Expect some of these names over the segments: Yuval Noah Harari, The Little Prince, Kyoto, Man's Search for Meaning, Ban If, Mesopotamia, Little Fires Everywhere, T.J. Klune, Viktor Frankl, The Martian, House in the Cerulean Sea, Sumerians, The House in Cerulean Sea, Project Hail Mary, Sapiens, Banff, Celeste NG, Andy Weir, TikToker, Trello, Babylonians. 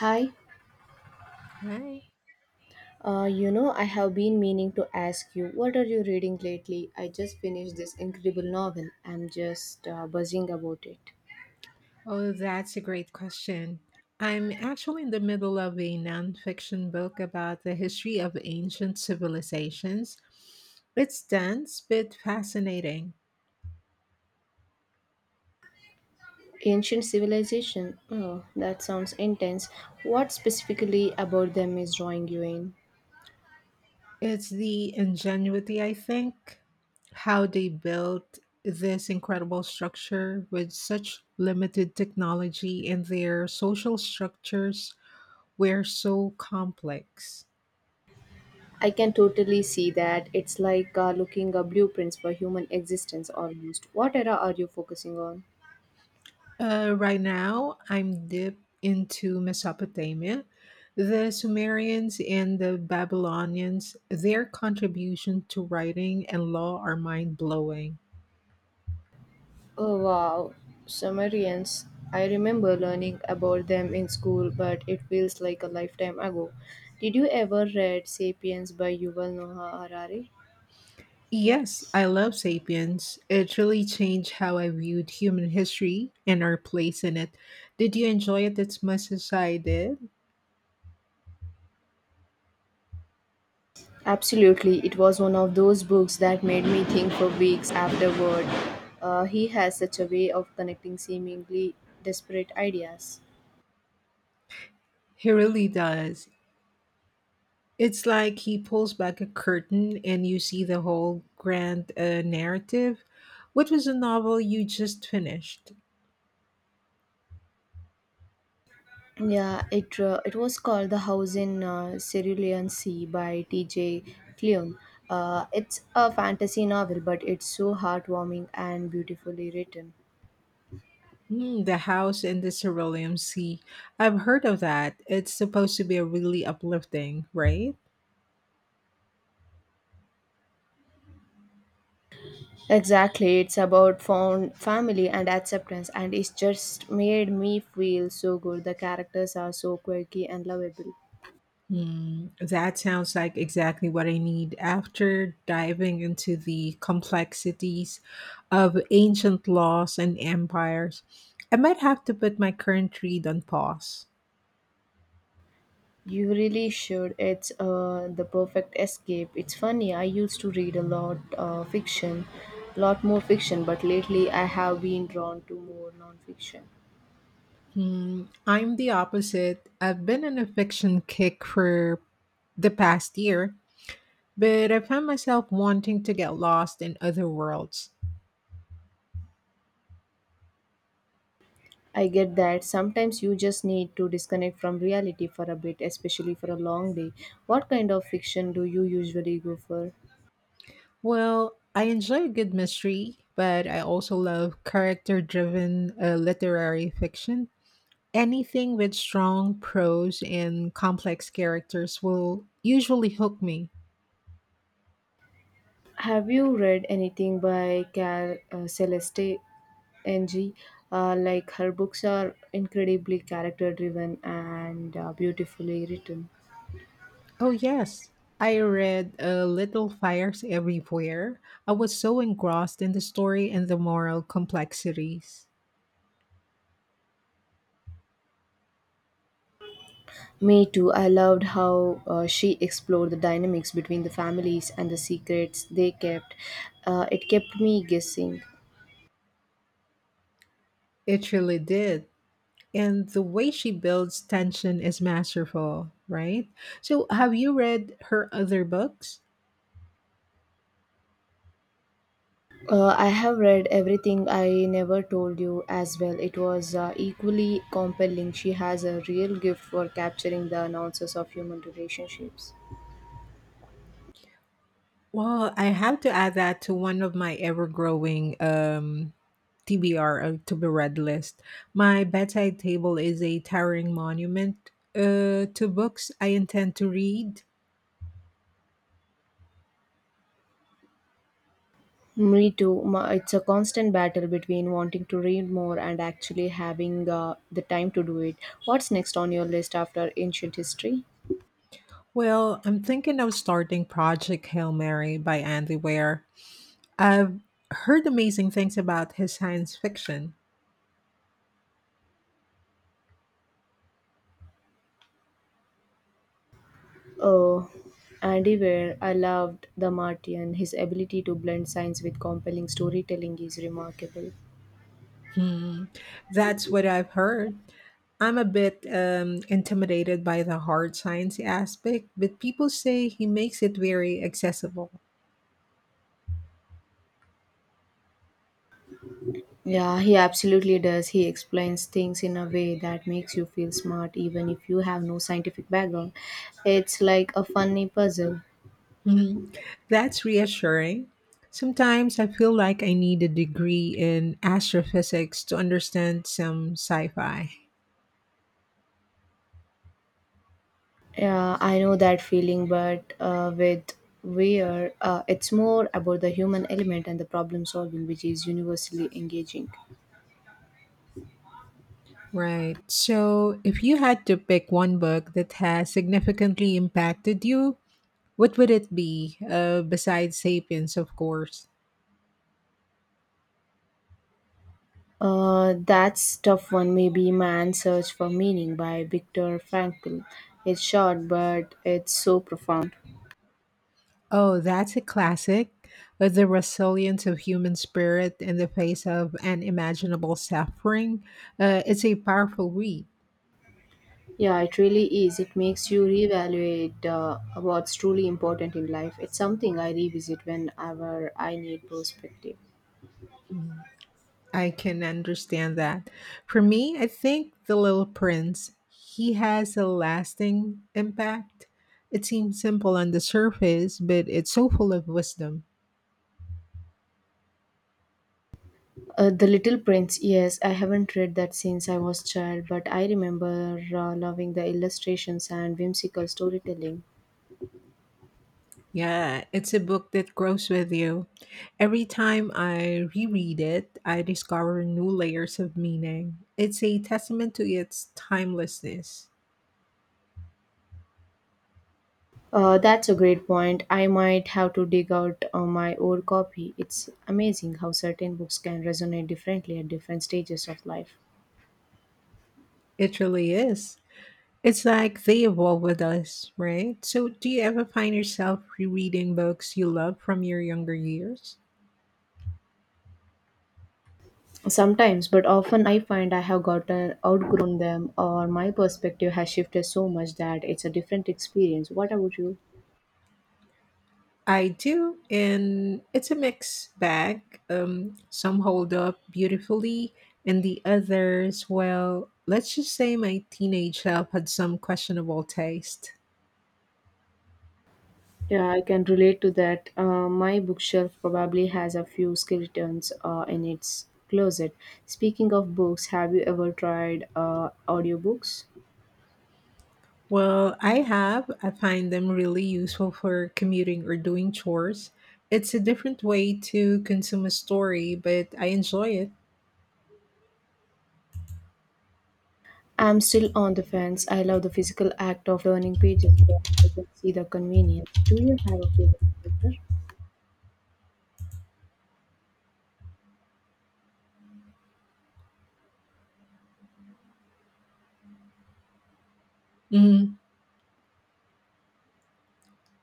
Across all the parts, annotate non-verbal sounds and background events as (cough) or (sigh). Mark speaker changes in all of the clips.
Speaker 1: Hi,
Speaker 2: Right.
Speaker 1: I have been meaning to ask you, what are you reading lately? I just finished this incredible novel. I'm just buzzing about it.
Speaker 2: Oh, that's a great question. I'm actually in the middle of a nonfiction book about the history of ancient civilizations. It's dense but fascinating.
Speaker 1: Ancient Civilization. Oh, that sounds intense. What specifically about them is drawing you in?
Speaker 2: It's the ingenuity, I think, how they built this incredible structure with such limited technology, and their social structures were so complex.
Speaker 1: I can totally see that. It's like looking at blueprints for human existence almost. What era are you focusing on?
Speaker 2: Right now, I'm deep into Mesopotamia. The Sumerians and the Babylonians, their contribution to writing and law are mind blowing.
Speaker 1: Oh wow, Sumerians. I remember learning about them in school, but it feels like a lifetime ago. Did you ever read Sapiens by Yuval Noah Harari?
Speaker 2: Yes, I love Sapiens. It really changed how I viewed human history and our place in it. Did you enjoy it as much as I did?
Speaker 1: Absolutely, it was one of those books that made me think for weeks afterward. He has such a way of connecting seemingly disparate ideas.
Speaker 2: He really does. It's like he pulls back a curtain and you see the whole grand narrative. What was the novel you just finished?
Speaker 1: Yeah, it was called The House in Cerulean Sea by T.J. Klune. It's a fantasy novel, but it's so heartwarming and beautifully written.
Speaker 2: The House in the Cerulean Sea. I've heard of that. It's supposed to be a really uplifting, right?
Speaker 1: Exactly, it's about found family and acceptance, and it's just made me feel so good. The characters are so quirky and lovable.
Speaker 2: That sounds like exactly what I need after diving into the complexities of ancient laws and empires. I might have to put my current read on pause.
Speaker 1: You really should. It's the perfect escape. It's funny, I used to read lot more fiction, but lately I have been drawn to more non-fiction.
Speaker 2: I'm the opposite. I've been on a fiction kick for the past year, but I found myself wanting to get lost in other worlds.
Speaker 1: I get that. Sometimes you just need to disconnect from reality for a bit, especially for a long day. What kind of fiction do you usually go for?
Speaker 2: Well, I enjoy a good mystery, but I also love character driven literary fiction. Anything with strong prose and complex characters will usually hook me.
Speaker 1: Have you read anything by Cal Celeste NG? Like her books are incredibly character driven and beautifully written.
Speaker 2: Oh, yes. I read Little Fires Everywhere. I was so engrossed in the story and the moral complexities.
Speaker 1: Me too. I loved how she explored the dynamics between the families and the secrets they kept. It kept me guessing.
Speaker 2: It really did. And the way she builds tension is masterful, right? So, have you read her other books?
Speaker 1: I have read everything I never told you as well. It was equally compelling. She has a real gift for capturing the nuances of human relationships.
Speaker 2: Well, I have to add that to one of my ever-growing TBR, to be read list. My bedside table is a towering monument to books I intend to read.
Speaker 1: Me too. It's a constant battle between wanting to read more and actually having the time to do it. What's next on your list after ancient history?
Speaker 2: Well, I'm thinking of starting Project Hail Mary by Andy Weir. I've heard amazing things about his science fiction.
Speaker 1: Oh, Andy Weir, I loved The Martian. His ability to blend science with compelling storytelling is remarkable.
Speaker 2: Hmm, that's what I've heard. I'm a bit intimidated by the hard science aspect, but people say he makes it very accessible.
Speaker 1: Yeah, he absolutely does. He explains things in a way that makes you feel smart even if you have no scientific background. It's like a funny puzzle.
Speaker 2: Hmm, that's reassuring. Sometimes I feel like I need a degree in astrophysics to understand some sci fi.
Speaker 1: Yeah, I know that feeling, but with Weir, it's more about the human element and the problem solving, which is universally engaging.
Speaker 2: Right. So, if you had to pick one book that has significantly impacted you, what would it be, besides Sapiens, of course?
Speaker 1: That's tough one. Maybe Man's Search for Meaning by Viktor Frankl. It's short, but it's so profound.
Speaker 2: Oh, that's a classic. But the resilience of human spirit in the face of unimaginable suffering, it's a powerful read.
Speaker 1: Yeah, it really is. It makes you reevaluate what's truly important in life. It's something I revisit whenever I need perspective.
Speaker 2: I can understand that. For me, I think The Little Prince, he has a lasting impact. It seems simple on the surface, but it's so full of wisdom.
Speaker 1: The Little Prince. Yes, I haven't read that since I was child, but I remember loving the illustrations and whimsical storytelling.
Speaker 2: Yeah, it's a book that grows with you. Every time I reread it, I discover new layers of meaning. It's a testament to its timelessness.
Speaker 1: That's a great point. I might have to dig out my old copy. It's amazing how certain books can resonate differently at different stages of life.
Speaker 2: It really is. It's like they evolve with us, right? So, do you ever find yourself rereading books you love from your younger years?
Speaker 1: Sometimes, but often I find I have gotten outgrown them or my perspective has shifted so much that it's a different experience. What about you?
Speaker 2: I do, and it's a mixed bag. Some hold up beautifully, and the others, well, let's just say my teenage self had some questionable taste.
Speaker 1: Yeah, I can relate to that. My bookshelf probably has a few skeletons in its closet. Speaking of books, have you ever tried audiobooks?
Speaker 2: Well, I have. I find them really useful for commuting or doing chores. It's a different way to consume a story, but I enjoy it.
Speaker 1: I'm still on the fence. I love the physical act of learning pages, but I can see the convenience. Do you have a favorite character?
Speaker 2: Mm-hmm.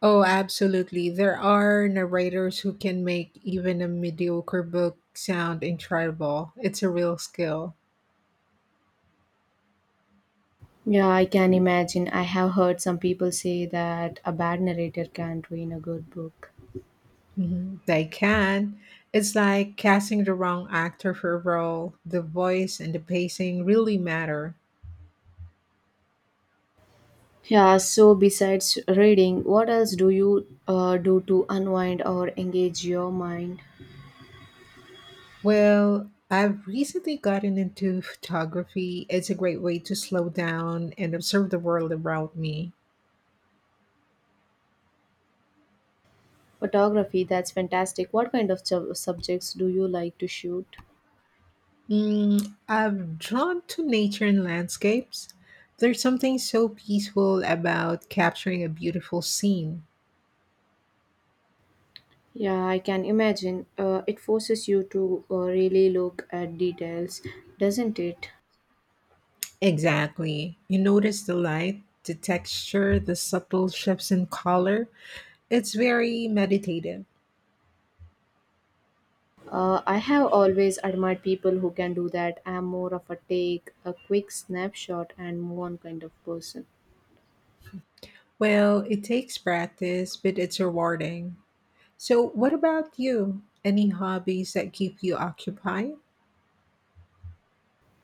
Speaker 2: Oh, absolutely. There are narrators who can make even a mediocre book sound incredible. It's a real skill.
Speaker 1: Yeah, I can imagine. I have heard some people say that a bad narrator can ruin a good book.
Speaker 2: Mhm. They can. It's like casting the wrong actor for a role. The voice and the pacing really matter.
Speaker 1: Yeah, so besides reading, what else do you do to unwind or engage your mind?
Speaker 2: Well, I've recently gotten into photography. It's a great way to slow down and observe the world around me.
Speaker 1: Photography, that's fantastic. What kind of subjects do you like to shoot?
Speaker 2: I'm drawn to nature and landscapes. There's something so peaceful about capturing a beautiful scene.
Speaker 1: Yeah, I can imagine. It forces you to really look at details, doesn't it?
Speaker 2: Exactly. You notice the light, the texture, the subtle shifts in color. It's very meditative.
Speaker 1: I have always admired people who can do that. I'm more of a take a quick snapshot and move on kind of person.
Speaker 2: Well, it takes practice, but it's rewarding. So, what about you? Any hobbies that keep you occupied?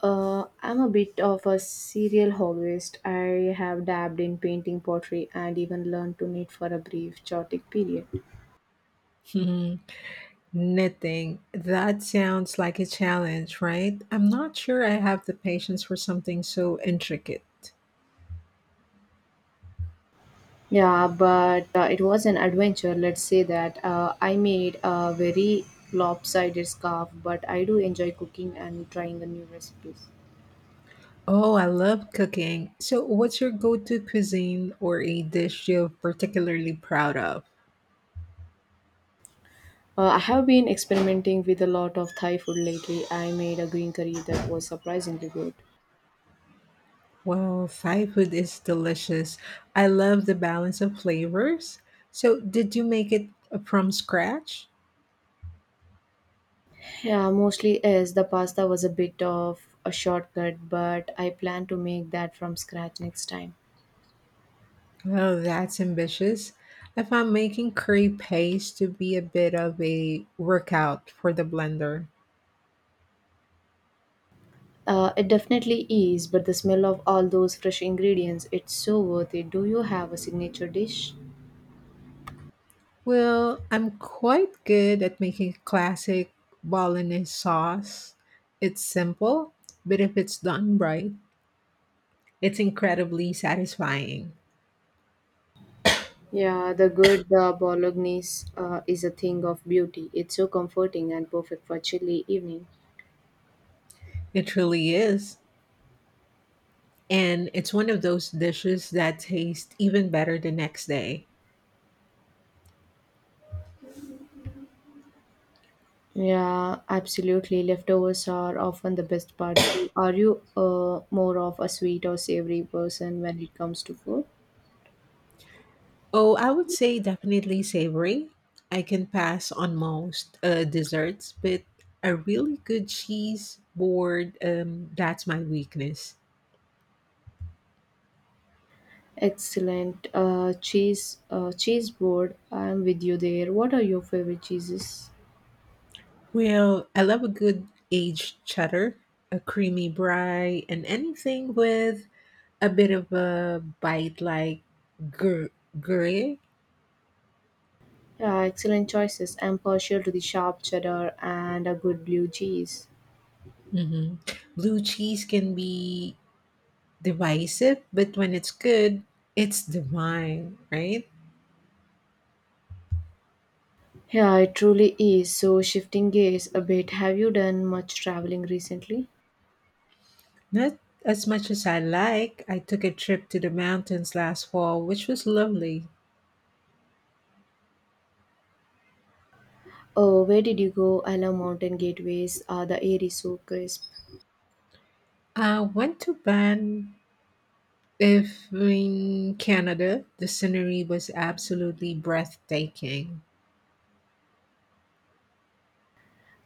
Speaker 1: I'm a bit of a serial hobbyist. I have dabbed in painting, pottery, and even learned to knit for a brief, chaotic period.
Speaker 2: (laughs) Knitting. That sounds like a challenge, right? I'm not sure I have the patience for something so intricate.
Speaker 1: Yeah, but it was an adventure, let's say that. I made a very lopsided scarf, but I do enjoy cooking and trying the new recipes.
Speaker 2: Oh, I love cooking. So, what's your go to cuisine or a dish you're particularly proud of?
Speaker 1: I have been experimenting with a lot of Thai food lately. I made a green curry that was surprisingly good.
Speaker 2: Well, Thai food is delicious. I love the balance of flavors. So, did you make it from scratch?
Speaker 1: Yeah, mostly is the pasta was a bit of a shortcut, but I plan to make that from scratch next time.
Speaker 2: Oh, that's ambitious. I found making curry paste to be a bit of a workout for the blender.
Speaker 1: It definitely is, but the smell of all those fresh ingredients, it's so worth it. Do you have a signature dish?
Speaker 2: Well, I'm quite good at making classic bolognese sauce. It's simple, but if it's done right, it's incredibly satisfying.
Speaker 1: Yeah, the good bolognese is a thing of beauty. It's so comforting and perfect for chilly evening.
Speaker 2: It really is. And it's one of those dishes that taste even better the next day.
Speaker 1: Yeah, absolutely. Leftovers are often the best part. So, are you more of a sweet or savory person when it comes to food?
Speaker 2: Oh, I would say definitely savory. I can pass on most desserts, but a really good cheese board, that's my weakness.
Speaker 1: Excellent. Cheese board. I'm with you there. What are your favorite cheeses?
Speaker 2: Well, I love a good aged cheddar, a creamy brie, and anything with a bit of a bite like gruyere.
Speaker 1: Yeah, excellent choices. I'm partial to the sharp cheddar and a good blue cheese.
Speaker 2: hmm Blue cheese can be divisive, but when it's good, it's divine, right?
Speaker 1: Yeah, it truly is. So, shifting gears a bit, have you done much traveling recently?
Speaker 2: Not as much as I like. I took a trip to the mountains last fall, which was lovely.
Speaker 1: Oh, where did you go? I love mountain gateways. The air is so crisp.
Speaker 2: I went to Ban If in Canada, the scenery was absolutely breathtaking.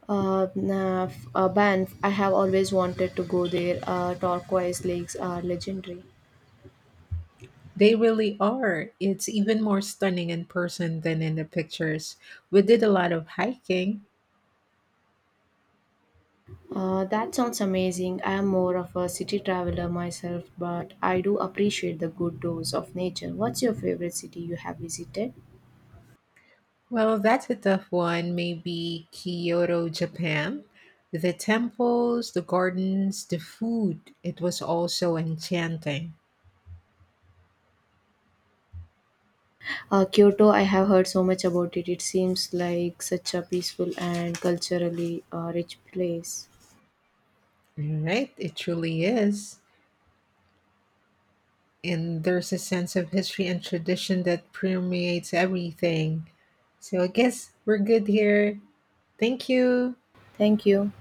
Speaker 1: Uh, nah, Banff, I have always wanted to go there. Turquoise lakes are legendary.
Speaker 2: They really are. It's even more stunning in person than in the pictures. We did a lot of hiking.
Speaker 1: That sounds amazing. I am more of a city traveler myself, but I do appreciate the good dose of nature. What's your favorite city you have visited?
Speaker 2: Well, that's a tough one. Maybe Kyoto, Japan. The temples, the gardens, the food. It was all so enchanting.
Speaker 1: Kyoto, I have heard so much about it. It seems like such a peaceful and culturally rich place.
Speaker 2: Right? It truly is. And there's a sense of history and tradition that permeates everything. So I guess we're good here. Thank you.
Speaker 1: Thank you.